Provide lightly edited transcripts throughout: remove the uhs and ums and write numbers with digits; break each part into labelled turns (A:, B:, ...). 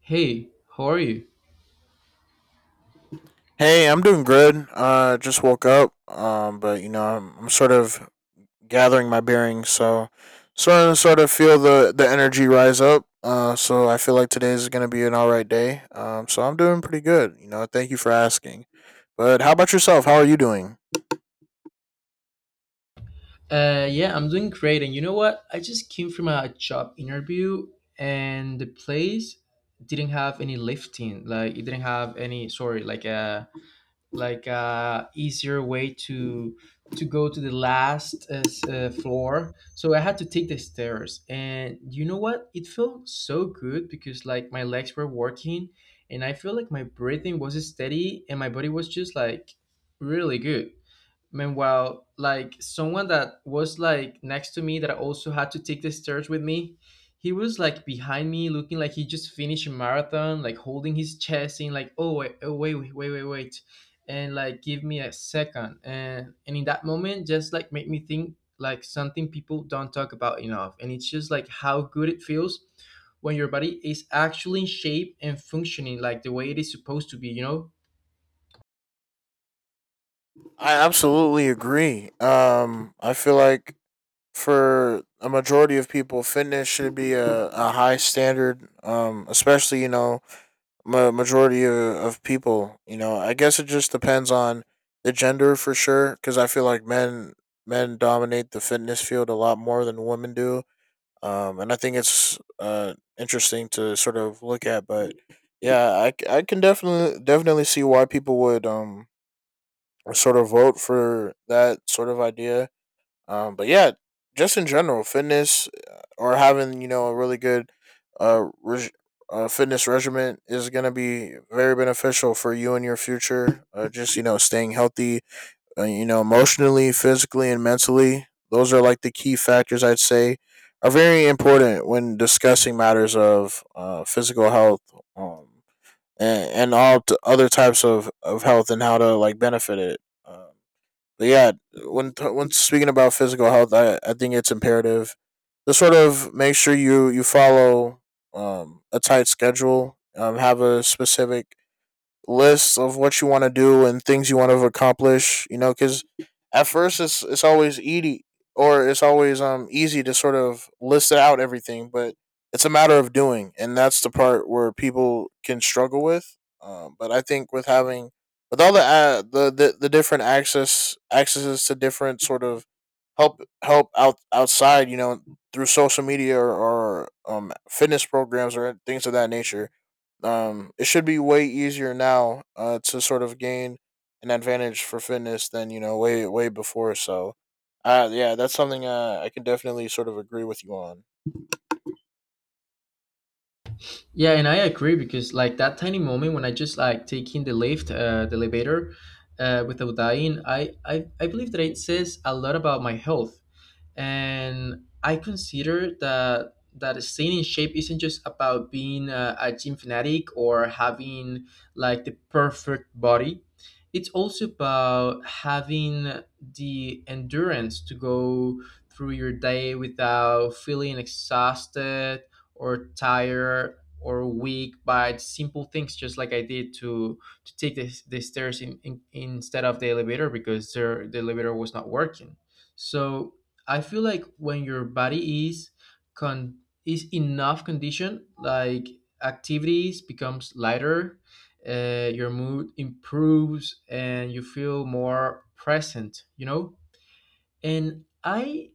A: Hey, how are you?
B: Hey, I'm doing good. Just woke up. But I'm sort of gathering my bearings, so sort of feel the energy rise up. So I feel like today is gonna be an all right day. So I'm doing pretty good. Thank you for asking. But how about yourself? How are you doing?
A: Yeah, I'm doing great. And you know what? I just came from a job interview, and the place didn't have any lifting. Like it didn't have any, sorry, like a easier way to go to the last floor. So I had to take the stairs. And you know what? It felt so good because like my legs were working, and I feel like my breathing was steady, and my body was just like really good. Meanwhile, like someone that was like next to me that also had to take the stairs with me, he was like behind me, looking like he just finished a marathon, like holding his chest, saying like, "Oh wait, oh, wait, wait, wait, wait, wait," and like, "Give me a second. And in that moment, just like made me think like something people don't talk about enough, and it's just like how good it feels when your body is actually in shape and functioning like the way it is supposed to be. You know,
B: I absolutely agree. I feel like for a majority of people, fitness should be a high standard. Especially majority of people. You know, I guess it just depends on the gender for sure, because I feel like men dominate the fitness field a lot more than women do. And I think it's interesting to sort of look at. But yeah, I can definitely see why people would sort of vote for that sort of idea, but yeah, just in general, fitness or having you know a really good uh, reg- fitness regimen is gonna be very beneficial for you in your future. Just you know, staying healthy, you know, emotionally, physically, and mentally. Those are like the key factors I'd say are very important when discussing matters of physical health um, and, and other types of health, and how to like benefit it. But yeah, when speaking about physical health, I think it's imperative to sort of make sure you follow a tight schedule, have a specific lists of what you want to do and things you want to accomplish. You know, because at first it's always easy or it's always easy to sort of list out everything, but it's a matter of doing, and that's the part where people can struggle with. But I think with having with all the different accesses to different sort of help outside, you know, through social media or fitness programs or things of that nature, it should be way easier now to sort of gain an advantage for fitness than you know way before. So, yeah, that's something I can definitely sort of agree with you on.
A: yeah, and I agree because like that tiny moment when I just like taking the lift, the elevator, without dying, I believe that it says a lot about my health, and I consider that staying in shape isn't just about being a gym fanatic or having like the perfect body. It's also about having the endurance to go through your day without feeling exhausted or tired or weak by simple things just like I did to take the stairs instead of the elevator because the elevator was not working. So I feel like when your body is con is enough condition, like activities becomes lighter, your mood improves, and you feel more present. You know, and I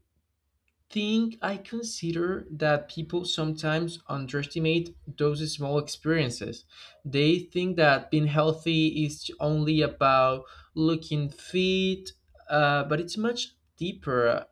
A: think I consider that people sometimes underestimate those small experiences. They think that being healthy is only about looking fit, but it's much deeper.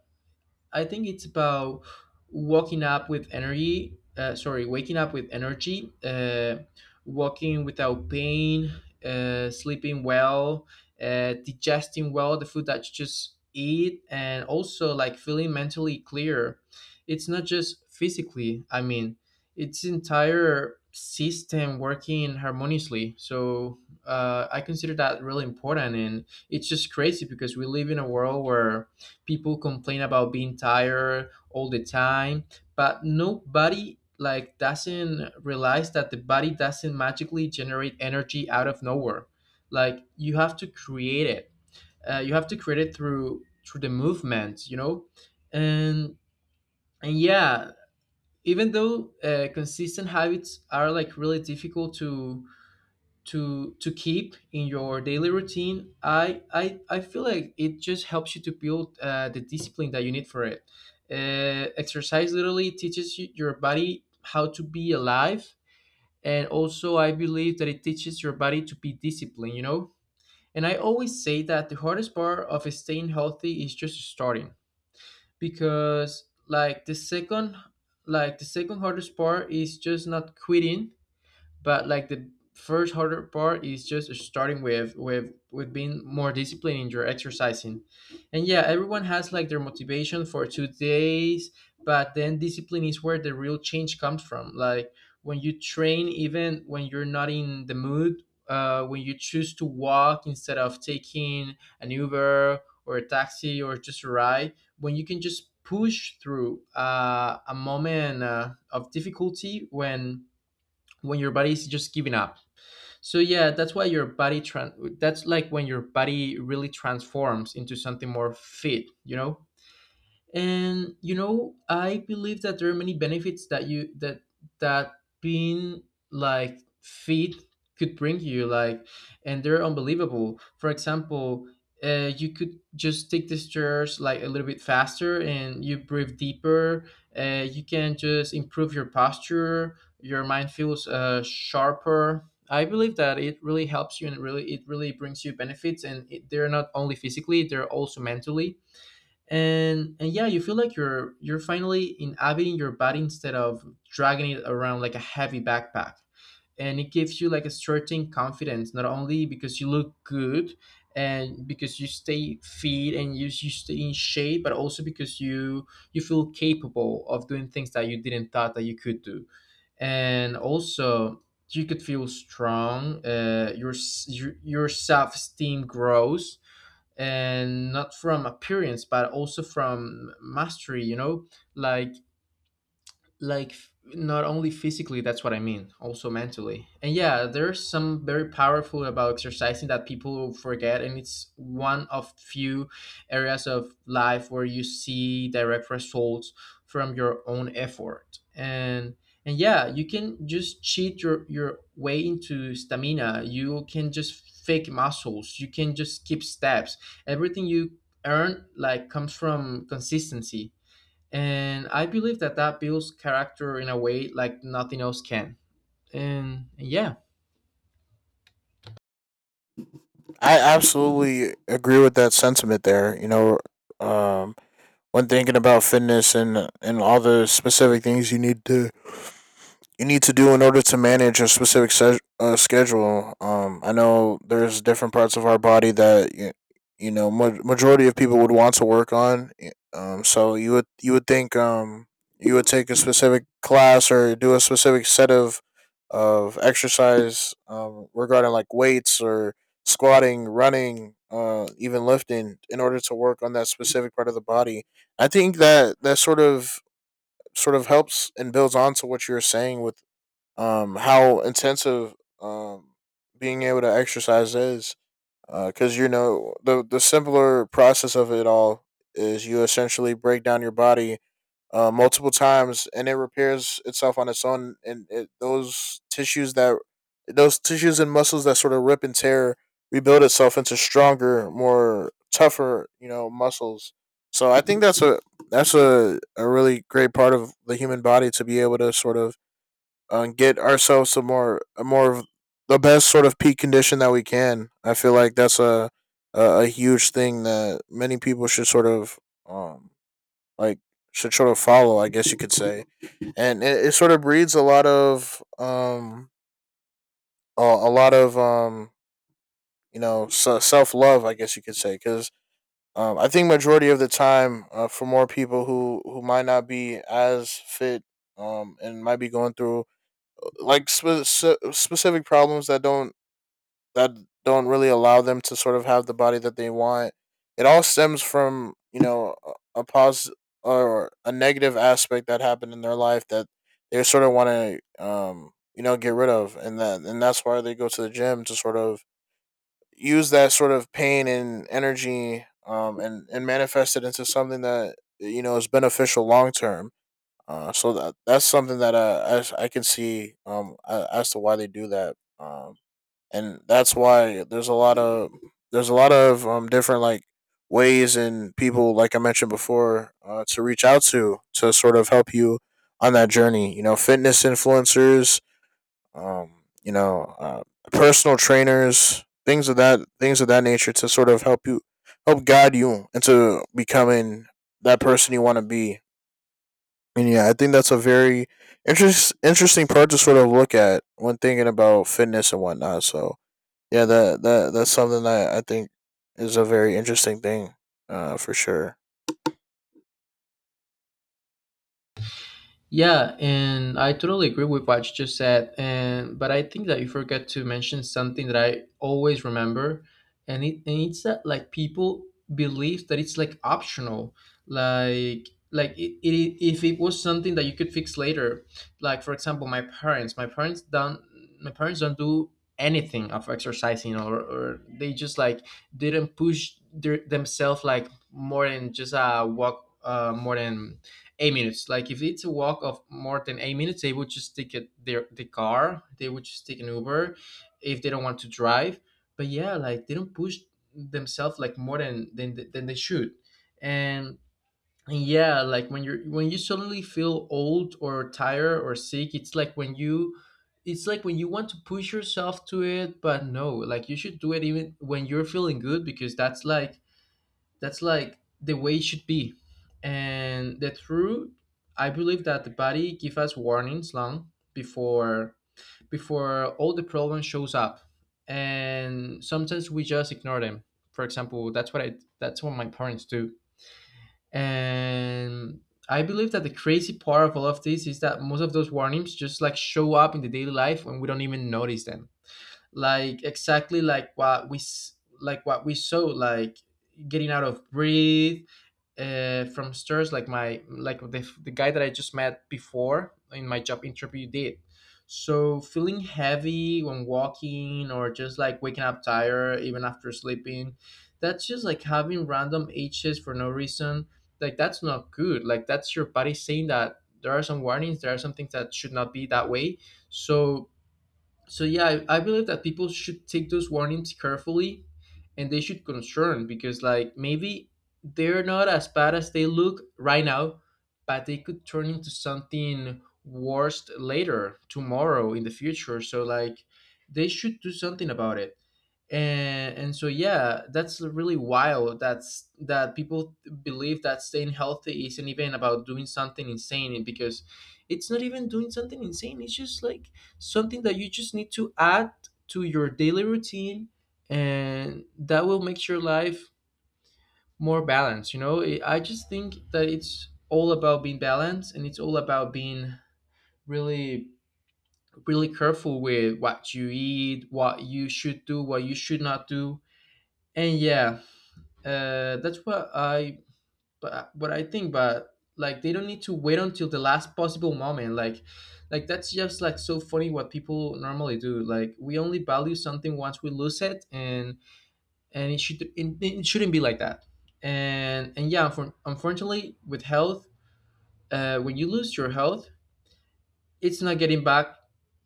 A: I think it's about waking up with energy. Waking up with energy, walking without pain, sleeping well, digesting well the food that you just eat, and also like feeling mentally clear. It's not just physically. I mean, it's entire system working harmoniously. So I consider that really important, and it's just crazy because we live in a world where people complain about being tired all the time but nobody like doesn't realize that the body doesn't magically generate energy out of nowhere. Like you have to create it, you have to create it through the movement, you know? and and yeah, even though consistent habits are like really difficult to keep in your daily routine, I feel like it just helps you to build the discipline that you need for it. Exercise literally teaches you, your body how to be alive, and also I believe that it teaches your body to be disciplined, you know. And I always say that the hardest part of staying healthy is just starting, because like the second hardest part is just not quitting, but like the first harder part is just starting with being more disciplined in your exercising. And yeah, everyone has like their motivation for 2 days, but then discipline is where the real change comes from. Like when you train even when you're not in the mood, when you choose to walk instead of taking an uber or a taxi or just a ride, when you can just push through a moment of difficulty when your body is just giving up. So yeah, that's why your that's like when your body really transforms into something more fit, you know? And you know, I believe that there are many benefits that you that that being like fit could bring you, like, and they're unbelievable. For example, you could just take the stairs like a little bit faster and you breathe deeper. You can just improve your posture, your mind feels sharper. I believe that it really helps you, and it really brings you benefits, and it, they're not only physically, they're also mentally. And yeah, you feel like you're finally inhabiting your body instead of dragging it around like a heavy backpack. And it gives you like a certain confidence, not only because you look good and because you stay fit and you stay in shape, but also because you feel capable of doing things that you didn't thought that you could do. And also you could feel strong. Your self-esteem grows, and not from appearance but also from mastery, you know. Like not only physically, that's what I mean, also mentally. And yeah, there's some very powerful about exercising that people forget, and it's one of few areas of life where you see direct results from your own effort. And yeah, you can just cheat your way into stamina, you can just fake muscles, you can just skip steps. Everything you earn like comes from consistency, and I believe that that builds character in a way like nothing else can. And yeah,
B: I absolutely agree with that sentiment there. Um, when thinking about fitness and all the specific things you need to do in order to manage a specific schedule. I know there's different parts of our body that you know majority of people would want to work on. So you would think you would take a specific class or do a specific set of exercise regarding like weights or squatting, running, even lifting in order to work on that specific part of the body. I think that that sort of helps and builds on to what you were saying with how intensive um, being able to exercise is. Because you know the simpler process of it all is you essentially break down your body multiple times, and it repairs itself on its own, and those tissues that those tissues and muscles that sort of rip and tear rebuild itself into stronger, more tougher, you know, muscles. So I think that's a really great part of the human body to be able to sort of get ourselves a more of the best sort of peak condition that we can. I feel like that's a huge thing that many people should sort of um like should sort of follow, I guess you could say, and it sort of breeds a lot of a lot of you know self love, I guess you could say. Because I think majority of the time, for more people who might not be as fit, and might be going through like specific problems that that don't really allow them to sort of have the body that they want. It all stems from you know a pos or a negative aspect that happened in their life that they sort of want to you know get rid of, and that's why they go to the gym to sort of use that sort of pain and energy, and manifest it into something that you know is beneficial long term. So that that's something that I can see as to why they do that, and that's why there's a lot of different like ways and people like I mentioned before to reach out to sort of help you on that journey, you know, fitness influencers, um you know uh, personal trainers, things of that nature to sort of help you, help guide you into becoming that person you want to be. And yeah, I think that's a very interesting part to sort of look at when thinking about fitness and whatnot. So yeah, that's something that I think is a very interesting thing, for sure.
A: yeah, and I totally agree with what you just said. And but I think that you forget to mention something that I always remember, and it's that like people believe that it's like optional, like if it was something that you could fix later. Like for example, my parents don't do anything of exercising, or they just like didn't push themselves like more than just a walk, more than 8 minutes. Like if it's a walk of more than 8 minutes, they would just take it their the car. They would just take an Uber if they don't want to drive. But yeah, like they don't push themselves like more than they should. And, and yeah, like when you suddenly feel old or tired or sick, it's like when you it's like when you want to push yourself to it, but no, like you should do it even when you're feeling good, because that's like the way it should be. And the truth, I believe that the body give us warnings long before all the problem shows up, and sometimes we just ignore them. For example, that's what I that's what my parents do. And I believe that the crazy part of all of this is that most of those warnings just like show up in the daily life when we don't even notice them, like exactly like like what we saw, like getting out of breathe from stairs, like the guy that I just met before in my job interview did. So feeling heavy when walking, or just like waking up tired even after sleeping, that's just like having random h's for no reason. Like that's not good, like that's your body saying that there are some warnings, there are some things that should not be that way. So, so yeah, I believe that people should take those warnings carefully, and they should concern, because like maybe they're not as bad as they look right now, but they could turn into something worse later, tomorrow, in the future. So like, they should do something about it. And so yeah, that's really wild, that's that people believe that staying healthy isn't even about doing something insane, because it's not even doing something insane, it's just like something that you just need to add to your daily routine, and that will make your life more balanced, you know. I just think that it's all about being balanced, and it's all about being really really careful with what you eat, what you should do, what you should not do. And yeah, that's what I but what I think. But like, they don't need to wait until the last possible moment. Like that's just like so funny what people normally do. Like, we only value something once we lose it, and it shouldn't be like that. And yeah, unfortunately, with health, when you lose your health, it's not getting back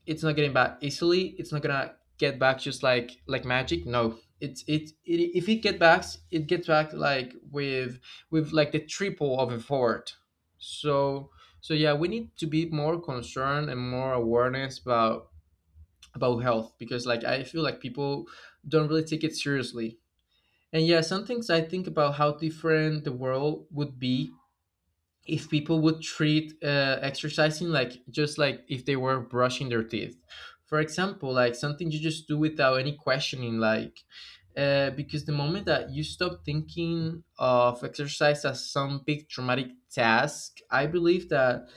A: it's not getting back easily. It's not gonna get back just like magic. No, it, if it get back, it gets back with the triple of effort. So so yeah, we need to be more concerned and more awareness about health, because like I feel like people don't really take it seriously. And yeah, some things I think about how different the world would be if people would treat exercising like, just like if they were brushing their teeth, for example, like something you just do without any questioning. Like, because the moment that you stop thinking of exercise as some big traumatic task, I believe that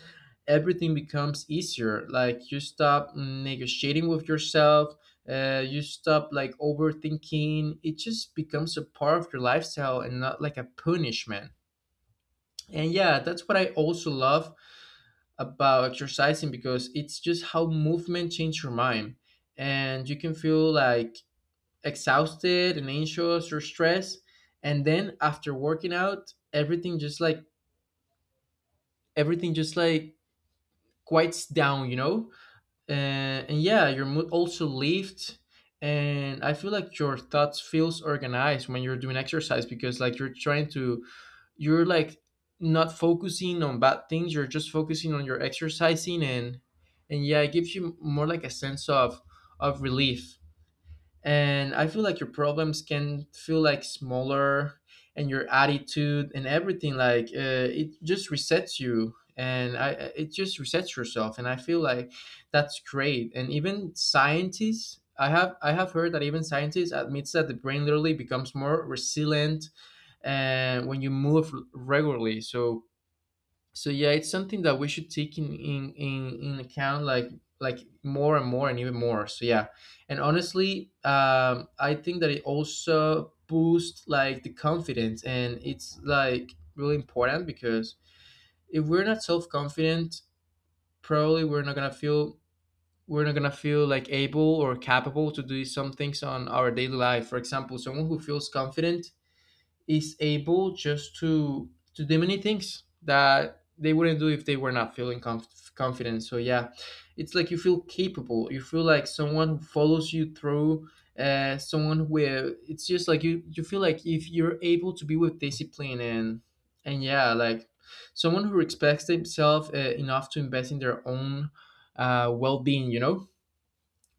A: everything becomes easier. Like, you stop negotiating with yourself, you stop like overthinking. It just becomes a part of your lifestyle and not like a punishment. And yeah, that's what I also love about exercising, because it's just how movement changes your mind. And you can feel like exhausted and anxious or stressed, and then after working out, everything just like quiets down, you know? And yeah, your mood also lifts. And I feel like your thoughts feels organized when you're doing exercise, because like you're trying to, you're not focusing on bad things, you're just focusing on your exercising. And yeah, it gives you more like a sense of relief. And I feel like your problems can feel like smaller, and your attitude and everything like, it just resets you. And it just resets yourself. And I feel like that's great. And even scientists, I have heard that even scientists admits that the brain literally becomes more resilient and when you move regularly. So yeah, it's something that we should take in account, like more and more and even more. So yeah. And honestly, I think that it also boosts like the confidence, and it's like really important, because if we're not self-confident, probably we're not gonna feel, we're not gonna feel like able or capable to do some things on our daily life. For example, someone who feels confident is able just to do many things that they wouldn't do if they were not feeling confident. So yeah, it's like you feel capable, you feel like someone who follows you through, someone where it's just like, you feel like if you're able to be with discipline. And yeah, like someone who respects themselves enough to invest in their own well-being, you know?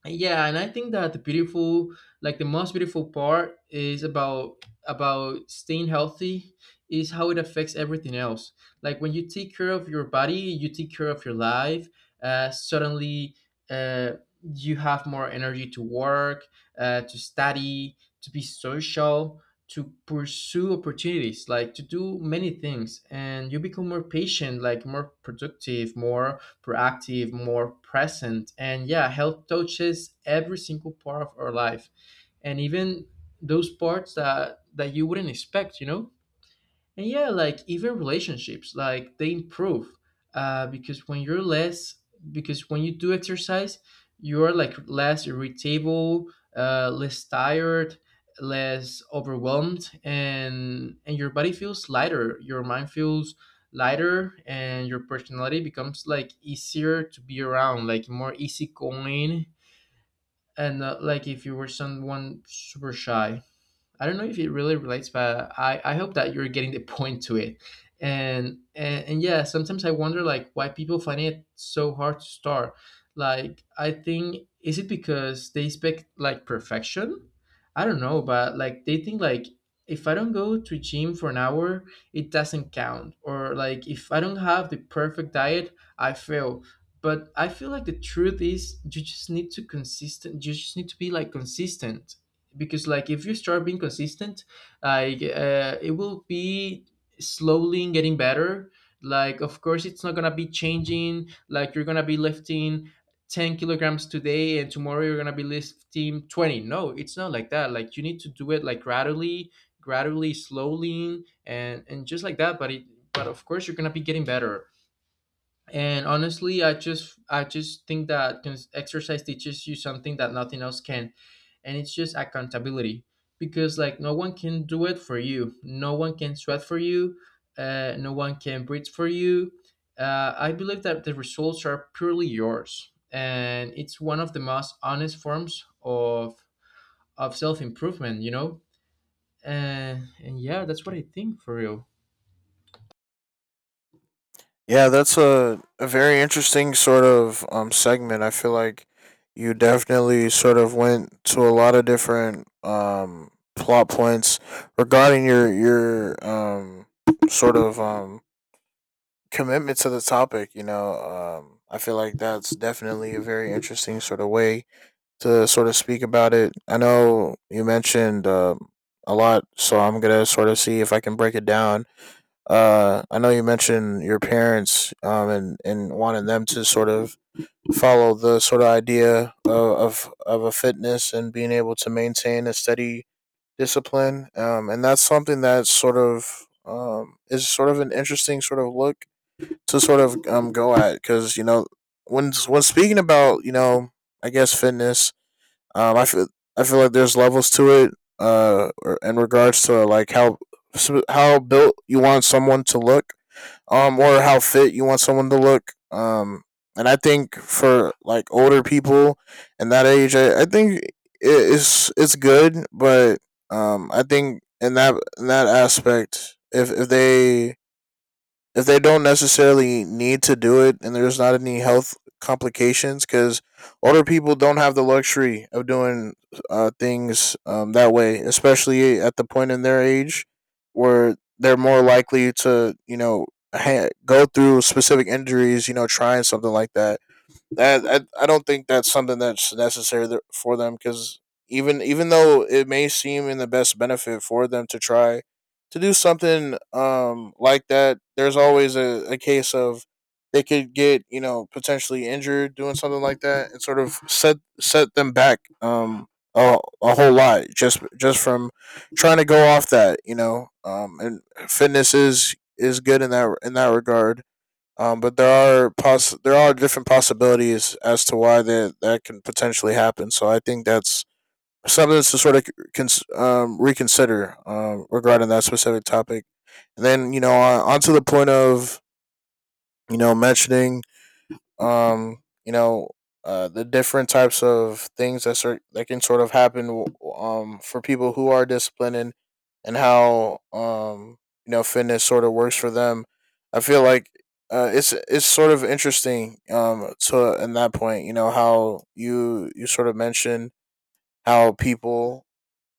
A: Yeah, and I think that the beautiful, like the most beautiful part is about staying healthy is how it affects everything else. Like when you take care of your body, you take care of your life. Suddenly, uh, you have more energy to work, to study, to be social, to pursue opportunities, like to do many things. And you become more patient, like more productive, more proactive, more present. And yeah, health touches every single part of our life, and even those parts that that you wouldn't expect, you know? And yeah, like even relationships, like they improve, uh, because when you're less because when you do exercise, you're like less irritable, less tired, less overwhelmed. And your body feels lighter, your mind feels lighter, and your personality becomes like easier to be around, like more easygoing. And like if you were someone super shy. I don't know if it really relates, but I hope that you're getting the point to it. And yeah, sometimes I wonder like why people find it so hard to start. Like, I think, is it because they expect like perfection? I don't know, but like they think like, if I don't go to gym for an hour, it doesn't count. Or like if I don't have the perfect diet, I fail. But I feel like the truth is, you just need to consistent, you just need to be like consistent. Because like if you start being consistent, like it will be slowly getting better. Like of course it's not gonna be changing, like you're gonna be lifting 10 kilograms today and tomorrow you're gonna be lifting 20. No, it's not like that. Like, you need to do it like gradually, gradually, slowly, and just like that. But it, but of course you're gonna be getting better. And honestly, I just think that exercise teaches you something that nothing else can. And it's just accountability, because like no one can do it for you, no one can sweat for you, no one can breathe for you. I believe that the results are purely yours, and it's one of the most honest forms of self-improvement, you know? uh, and yeah, that's what I think for real.
B: Yeah, that's a very interesting sort of segment. I feel like you definitely sort of went to a lot of different plot points regarding your sort of commitment to the topic, you know. I feel like that's definitely a very interesting sort of way to sort of speak about it. I know you mentioned a lot, so I'm gonna sort of see if I can break it down. I know you mentioned your parents, and wanted them to sort of follow the sort of idea of of a fitness and being able to maintain a steady discipline, and that's something that's sort of is sort of an interesting sort of look to sort of go at, because you know when speaking about you know I guess fitness um I feel I feel like there's levels to it, uh in regards to like how built you want someone to look, or how fit you want someone to look. And I think for like older people in that age, I think it's good. But I think in that aspect, if they don't necessarily need to do it, and there's not any health complications. Because older people don't have the luxury of doing things that way, especially at the point in their age where they're more likely to you know go through specific injuries, you know, trying something like that. that I don't think that's something that's necessary for them, because even even though it may seem in the best benefit for them to try to do something like that, there's always a case of they could get you know potentially injured doing something like that and sort of set them back a, a whole lot just from trying to go off that, you know. And fitness is good in that regard, but there are there are different possibilities as to why that that can potentially happen. So I think that's something to sort of reconsider regarding that specific topic. And then you know on to the point of you know mentioning um you know the different types of things that can sort of happen for people who are disciplined, and how you know fitness sort of works for them. I feel like it's sort of interesting to in that point you know how you you sort of mentioned how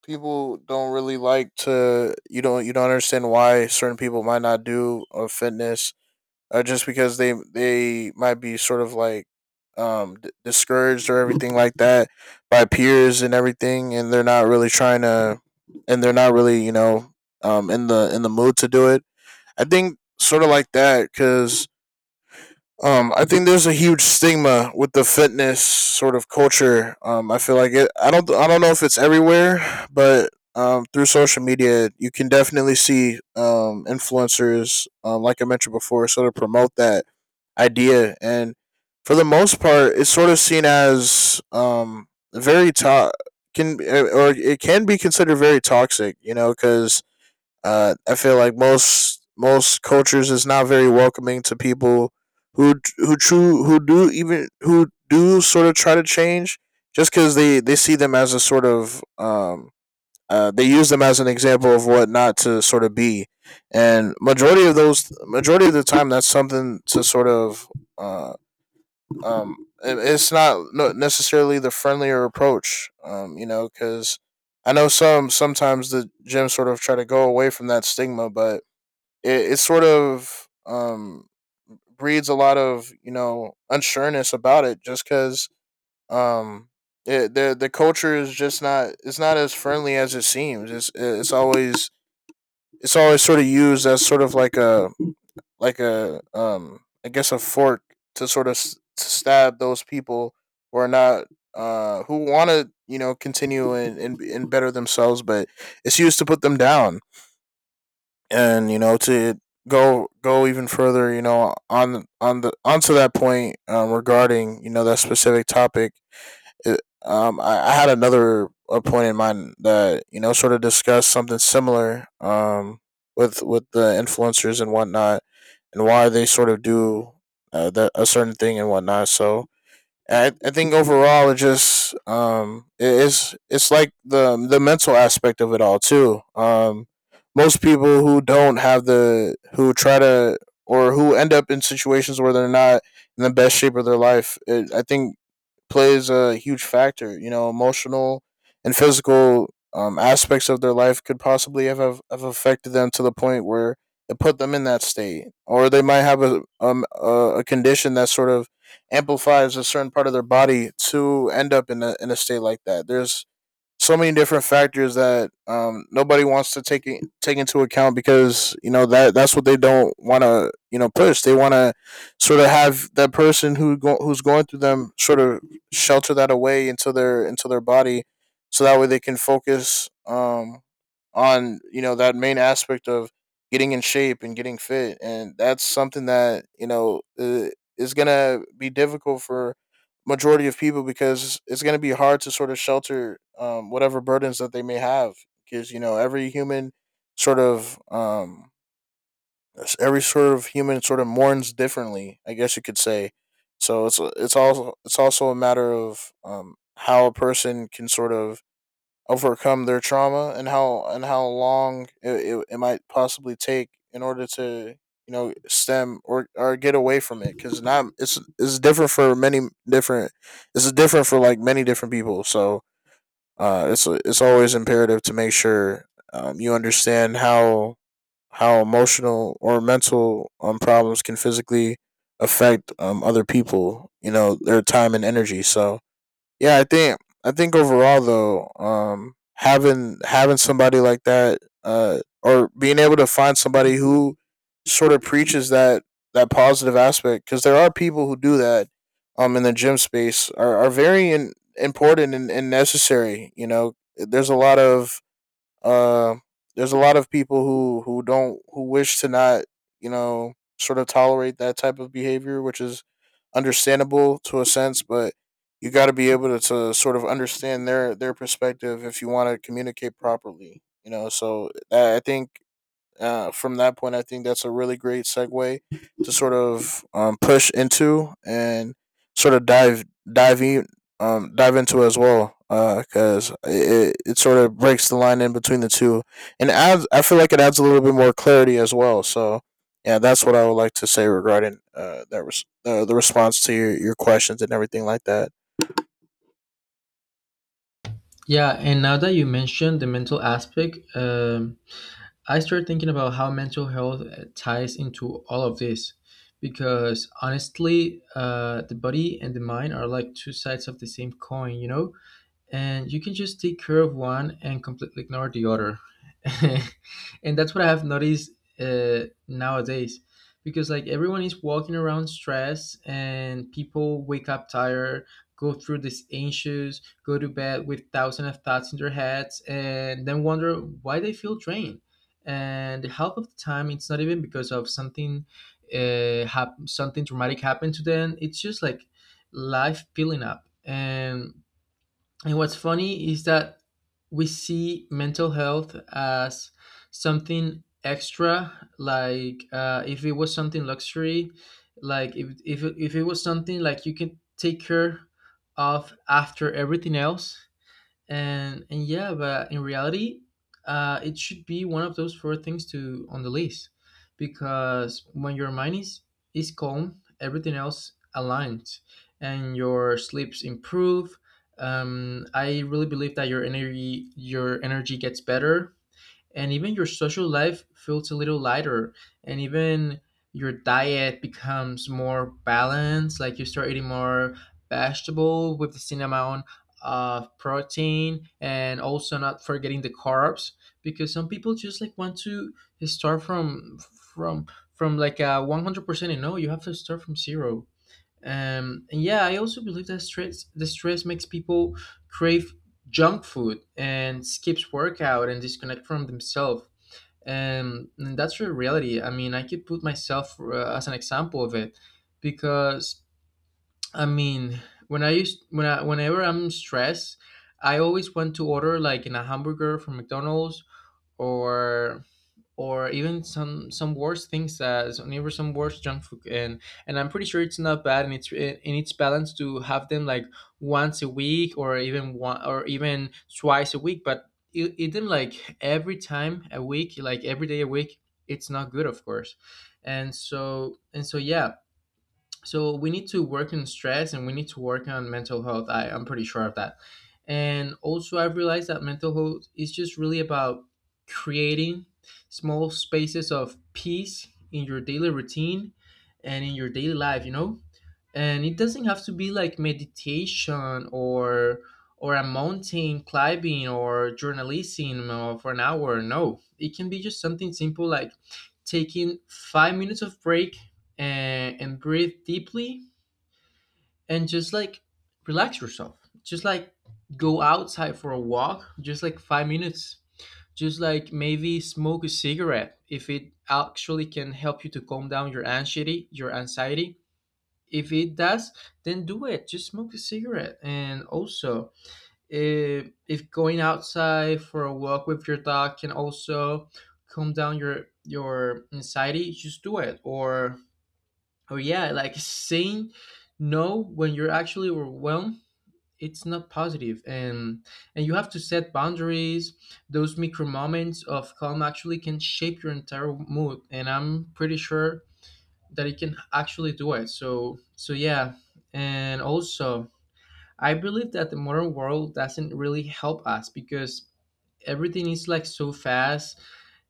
B: people don't really like to you don't understand why certain people might not do a fitness, just because they might be sort of like discouraged or everything like that by peers and everything, and they're not really trying to, and they're not really you know in the mood to do it. I think sort of like that because I think there's a huge stigma with the fitness sort of culture. I feel like it. I don't. I don't know if it's everywhere, but through social media, you can definitely see influencers, like I mentioned before, sort of promote that idea. And for the most part, it's sort of seen as very can or it can be considered very toxic. You know, because I feel like most cultures is not very welcoming to people who true who do even who do sort of try to change just because they see them as a sort of they use them as an example of what not to sort of be, and majority of the time that's something to sort of uh um, it's not no- necessarily the friendlier approach. You know, because I know sometimes the gyms sort of try to go away from that stigma, but it sort of breeds a lot of, you know, unsureness about it, just because um it, the culture is just not, it's not as friendly as it seems. It's always sort of used as sort of like a, I guess, a fork to sort of to stab those people who are not who want to, you know, continue and, and better themselves, but it's used to put them down, and, you know, to go even further, you know, on the onto that point, regarding, you know, that specific topic. I had another a point in mind that, you know, sort of discussed something similar, with the influencers and whatnot, and why they sort of do that, a certain thing and whatnot. So I think overall it just, it is, it's like the mental aspect of it all too. Most people who don't have the, who try to, or who end up in situations where they're not in the best shape of their life, I think plays a huge factor. You know, emotional and physical, aspects of their life could possibly have affected them to the point where it put them in that state, or they might have a condition that sort of amplifies a certain part of their body to end up in a state like that. There's so many different factors that, nobody wants to take into account because, you know, that that's what they don't want to, you know, push. They want to sort of have that person who's going through them sort of shelter that away into their body, so that way they can focus, on, you know, that main aspect of getting in shape and getting fit, and that's something that, you know, is gonna be difficult for majority of people because it's going to be hard to sort of shelter, whatever burdens that they may have, because, you know, sort of um, every sort of human sort of mourns differently, I guess you could say. So it's, it's also a matter of, how a person can sort of overcome their trauma, and how long it might possibly take in order to, you know, stem or get away from it, because not it's, it's different for many different, it's different for like many different people. So it's always imperative to make sure, you understand how emotional or mental, um, problems can physically affect, um, other people, you know, their time and energy. So yeah, I think, I think overall though, having somebody like that, or being able to find somebody who sort of preaches that, that positive aspect, because there are people who do that, in the gym space, are very important and, necessary. You know, there's a lot of uh, there's a lot of people who wish to not, you know, sort of tolerate that type of behavior, which is understandable to a sense, but you got to be able to, sort of understand their perspective if you want to communicate properly. You know, so that, I think, from that point, I think that's a really great segue to sort of, push into, and sort of dive in, dive into as well, because it, it sort of breaks the line in between the two, and adds I feel like it adds a little bit more clarity as well. So yeah, that's what I would like to say regarding, that was, the response to your questions and everything like that.
A: Yeah, and now that you mentioned the mental aspect, I started thinking about how mental health ties into all of this, because honestly, the body and the mind are like two sides of the same coin, you know? And you can just take care of one and completely ignore the other. And that's what I have noticed nowadays, because like everyone is walking around stressed, and people wake up tired, go through this anxious, go to bed with thousands of thoughts in their heads, and then wonder why they feel drained. And the half of the time it's not even because of something something traumatic happened to them. It's just like life filling up. And what's funny is that we see mental health as something extra, like if it was something luxury, like if it was something like you can take care of after everything else. And yeah, but in reality, it should be one of those four things to on the list. Because when your mind is calm, everything else aligns, and your sleeps improve. I really believe that your energy gets better, and even your social life feels a little lighter. And even your diet becomes more balanced, like you start eating more vegetable with the same amount of protein, and also not forgetting the carbs. Because some people just like want to start from from from like a 100%. And no, you have to start from zero. And yeah, I also believe that stress the stress makes people crave junk food, and skips workout, and disconnect from themselves. And that's the reality. I mean, I could put myself as an example of it. Because, I mean, whenever I'm stressed, I always want to order like in a hamburger from McDonald's, or or even some worse things, as even some worse junk food. And I'm pretty sure it's not bad, and it's balanced to have them like once a week, or even one, or even twice a week. But eat them like every time a week, like every day a week, it's not good, of course. And so yeah, so we need to work on stress, and we need to work on mental health. I'm pretty sure of that. And also I've realized that mental health is just really about creating small spaces of peace in your daily routine and in your daily life, you know? And it doesn't have to be like meditation, or a mountain climbing, or journalism for an hour. No, it can be just something simple like taking 5 minutes of break and breathe deeply, and just like relax yourself, just like go outside for a walk, just like 5 minutes, just like maybe smoke a cigarette if it actually can help you to calm down your anxiety. If it does, then do it, just smoke a cigarette. And also, if going outside for a walk with your dog can also calm down your anxiety, just do it. Or yeah, like saying no when you're actually overwhelmed, it's not positive. And you have to set boundaries. Those micro moments of calm actually can shape your entire mood, and I'm pretty sure that it can actually do it. So yeah. And also, I believe that the modern world doesn't really help us, because everything is like so fast: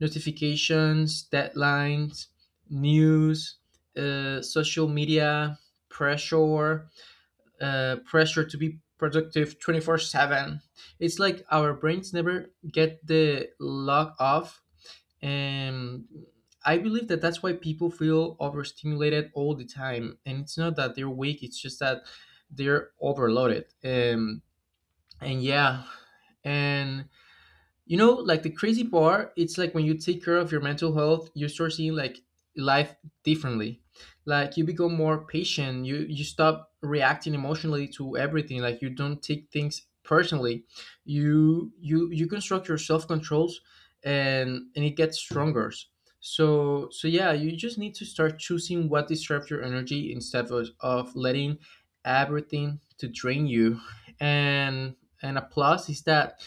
A: notifications, deadlines, news, social media, pressure, pressure to be productive 24/7. It's like our brains never get the lock off and I believe that that's why people feel overstimulated all the time, and it's not that they're weak, it's just that they're overloaded. And yeah and You know, like the crazy part, it's like when you take care of your mental health you start seeing like life differently. Like you become more patient, you stop reacting emotionally to everything, like you don't take things personally. You construct your self controls and it gets stronger. So yeah, you just need to start choosing what disturbs your energy instead of letting everything to drain you. And and a plus is that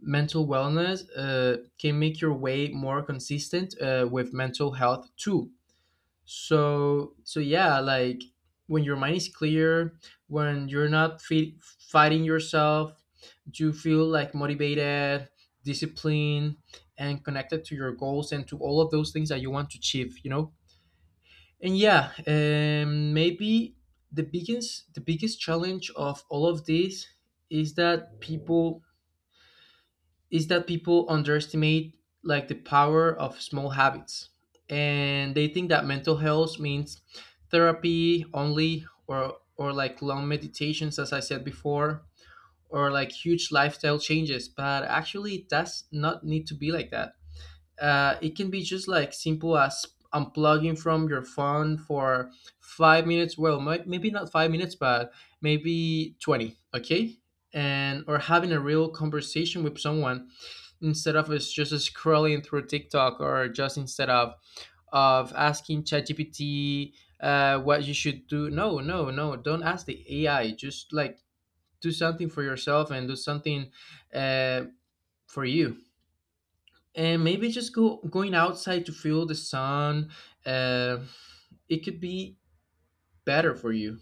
A: mental wellness can make your way more consistent with mental health too. So yeah, like when your mind is clear, when you're not fighting yourself, you feel like motivated, disciplined, and connected to your goals and to all of those things that you want to achieve, you know. And yeah, maybe the biggest challenge of all of this is that people underestimate like the power of small habits, and they think that mental health means therapy only, or like long meditations, as I said before, or like huge lifestyle changes. But actually it does not need to be like that. It can be just like simple as unplugging from your phone for 5 minutes. Well, maybe not 5 minutes, but maybe 20, okay? And or having a real conversation with someone instead of us just scrolling through TikTok, or just instead of asking ChatGPT what you should do. No, no, no. Don't ask the AI. Just like do something for yourself and do something, uh, for you. And maybe just go going outside to feel the sun. Uh, it could be better for you.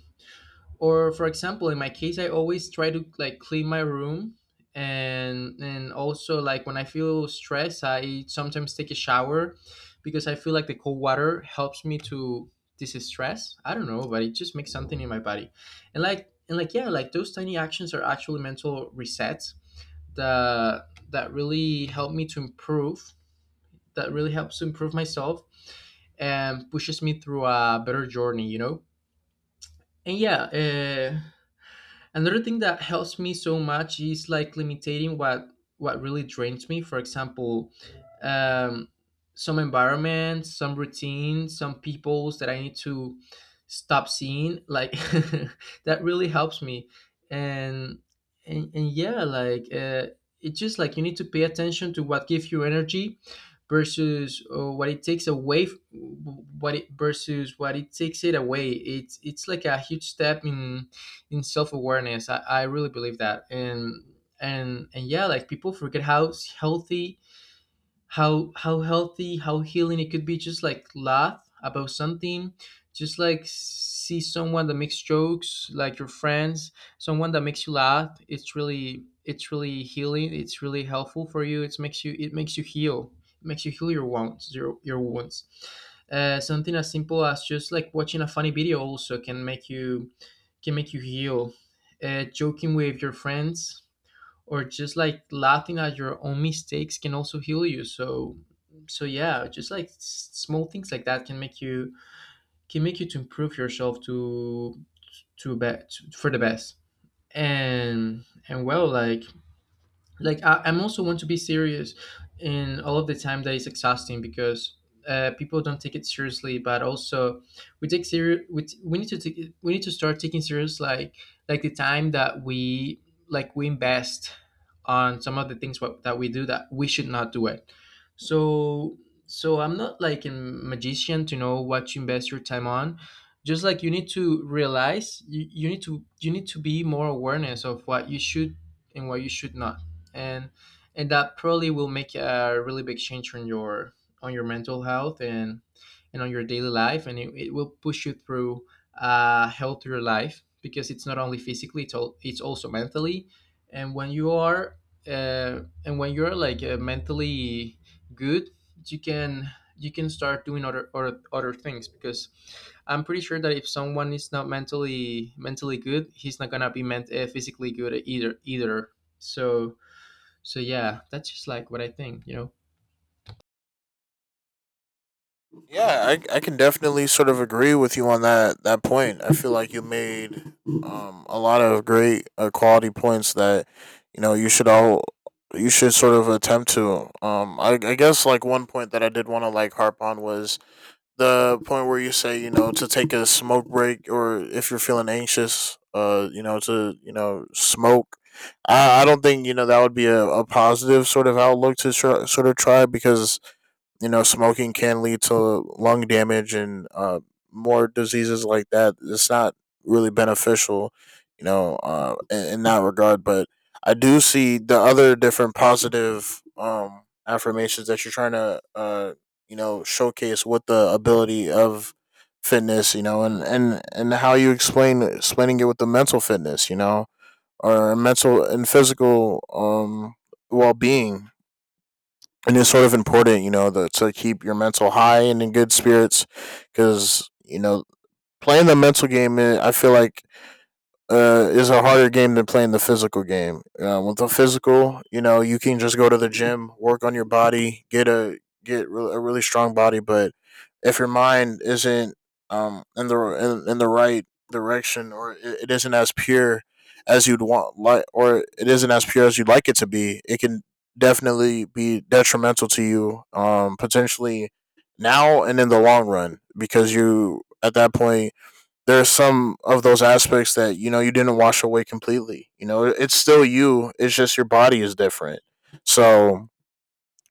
A: Or for example, in my case, I always try to like clean my room, and also like when I feel stressed, I sometimes take a shower because I feel like the cold water helps me to distress. I don't know, but it just makes something in my body. And like yeah, like those tiny actions are actually mental resets that really help me to improve, that really helps to improve myself and pushes me through a better journey, you know? And yeah, uh another thing that helps me so much is like limiting what really drains me, for example, um, some environments, some routines, some peoples that I need to stop seeing like that really helps me. And and, and yeah, like, it's just like you need to pay attention to what gives you energy versus what it takes away f- what it versus what it takes it away. It's like a huge step in self-awareness. I really believe that, and yeah, like people forget how healthy, how healing it could be, just like laugh about something, just like see someone that makes jokes, like your friends, someone that makes you laugh. It's really healing, it's really helpful for you. It makes you heal, it makes you heal your wounds, your wounds. Something as simple as just like watching a funny video also can make you, can make you heal. Joking with your friends, or just like laughing at your own mistakes can also heal you. So yeah, just like small things like that can make you, can make you to improve yourself, to bet for the best. And well, like I'm also want to be serious in all of the time. That is exhausting because, people don't take it seriously, but also we take serious, we need to we need to start taking serious, like the time that we, like we invest on some of the things that we do, that we should not do it. So so I'm not like a magician to know what you invest your time on. Just like you need to realize, you need to, you need to be more awareness of what you should and what you should not. And and that probably will make a really big change on your, on your mental health, and on your daily life, and it will push you through a healthier life, because it's not only physically, it's also mentally. And when you are, uh, and when you're like, mentally good, you can, you can start doing other, other other things. Because I'm pretty sure that if someone is not mentally good, he's not gonna be meant physically good either, either. So so yeah, that's just like what I think, you know.
B: Yeah, I can definitely sort of agree with you on that point. I feel like you made, a lot of great, quality points that, you know, you should all, you should sort of attempt to. I guess like one point that I did want to like harp on was the point where you say, you know, to take a smoke break, or if you're feeling anxious, you know, to, you know, smoke. I don't think, you know, that would be a positive sort of outlook to try, sort of try, because, you know, smoking can lead to lung damage and, more diseases like that. It's not really beneficial, you know, in that regard. But I do see the other different positive, affirmations that you're trying to, you know, showcase with the ability of fitness, you know, and how you explaining it with the mental fitness, you know, or mental and physical, well being. And it's sort of important, you know, to keep your mental high and in good spirits, because, you know, playing the mental game, eh, I feel like, is a harder game than playing the physical game. With the physical, you know, you can just go to the gym, work on your body, get a really strong body. But if your mind isn't, in the, in the right direction, or it isn't as pure as you'd want, like, or it isn't as pure as you'd like it to be, it can definitely be detrimental to you, potentially now and in the long run, because you, at that point, there are some of those aspects that, you know, you didn't wash away completely. You know, it's still you. It's just your body is different. So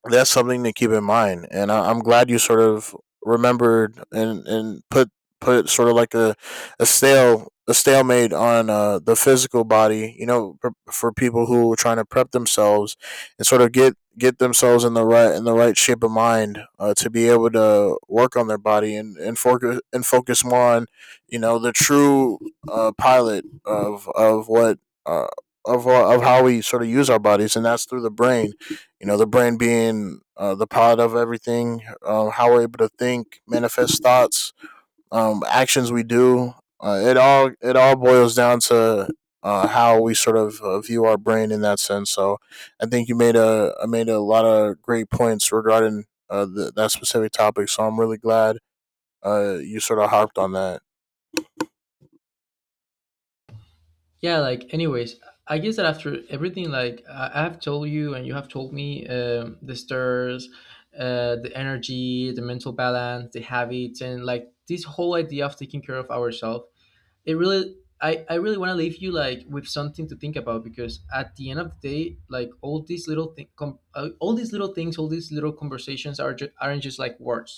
B: that's something to keep in mind, and I'm glad you sort of remembered and put sort of like a stale a stalemate on, the physical body, you know, for people who are trying to prep themselves and sort of get themselves in the right, in the right shape of mind, to be able to work on their body and focus, and focus more on, you know, the true, pilot of what, uh, of how we sort of use our bodies, and that's through the brain, you know, the brain being, the pilot of everything. Um, how we're able to think, manifest thoughts, actions we do, it all, it all boils down to, how we sort of, view our brain in that sense. So I think you made a, made a lot of great points regarding, the, that specific topic, so I'm really glad, you sort of harped on that.
A: Yeah, like anyways, I guess that after everything, like I have told you and you have told me, the stairs, the energy, the mental balance, the habits, and like this whole idea of taking care of ourselves, it really, I really want to leave you like with something to think about, because at the end of the day, like all these little all these little things, all these little conversations aren't just like words.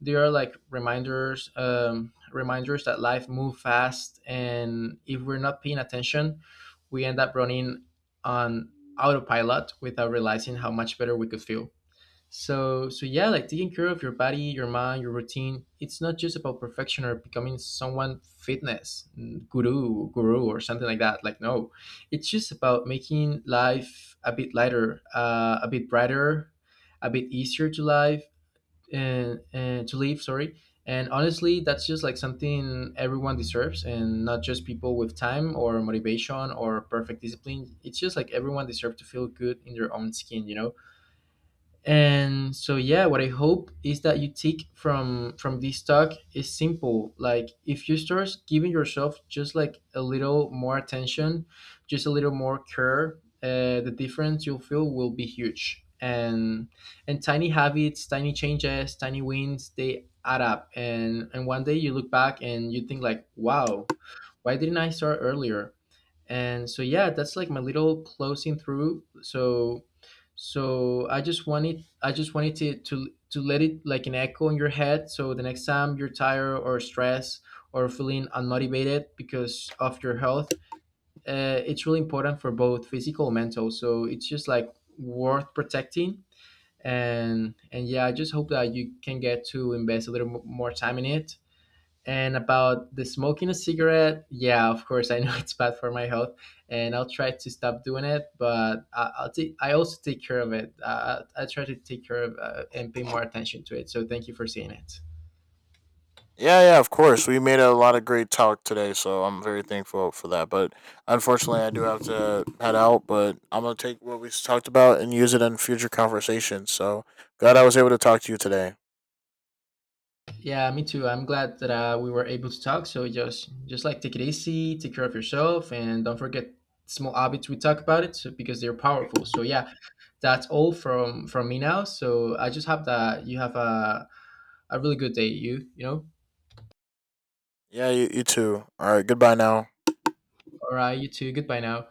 A: They are like reminders, reminders that life move fast, and if we're not paying attention, we end up running on autopilot without realizing how much better we could feel. So yeah, like taking care of your body, your mind, your routine. It's not just about perfection or becoming someone fitness guru or something like that. Like no, it's just about making life a bit lighter, a bit brighter, a bit easier to live and to live. Sorry. And honestly, that's just like something everyone deserves, and not just people with time or motivation or perfect discipline. It's just like everyone deserves to feel good in their own skin, you know. And so yeah, what I hope is that you take from this talk is simple. Like if you start giving yourself just like a little more attention, just a little more care, the difference you'll feel will be huge, and tiny habits, tiny changes, tiny wins, they add up, and one day you look back and you think like, wow, why didn't I start earlier? And So yeah, that's like my little closing through. So I just wanted to to let it like an echo in your head, so the next time you're tired or stressed or feeling unmotivated because of your health, it's really important for both physical and mental, so it's just like worth protecting. And yeah, I just hope that you can get to invest a little more time in it. And about the smoking a cigarette, yeah, of course, I know it's bad for my health, and I'll try to stop doing it. But I also take care of it. I try to take care of and pay more attention to it. So thank you for saying it.
B: Yeah, yeah, of course. We made a lot of great talk today, so I'm very thankful for that. But unfortunately, I do have to head out. But I'm gonna take what we talked about and use it in future conversations. So glad I was able to talk to you today.
A: Yeah, me too. I'm glad that we were able to talk. So just like take it easy, take care of yourself, and don't forget small habits. We talk about it so, because they're powerful. So yeah, that's all from me now. So I just hope that you have a really good day. You know.
B: Yeah, you too. All right, goodbye now.
A: All right, you too. Goodbye now.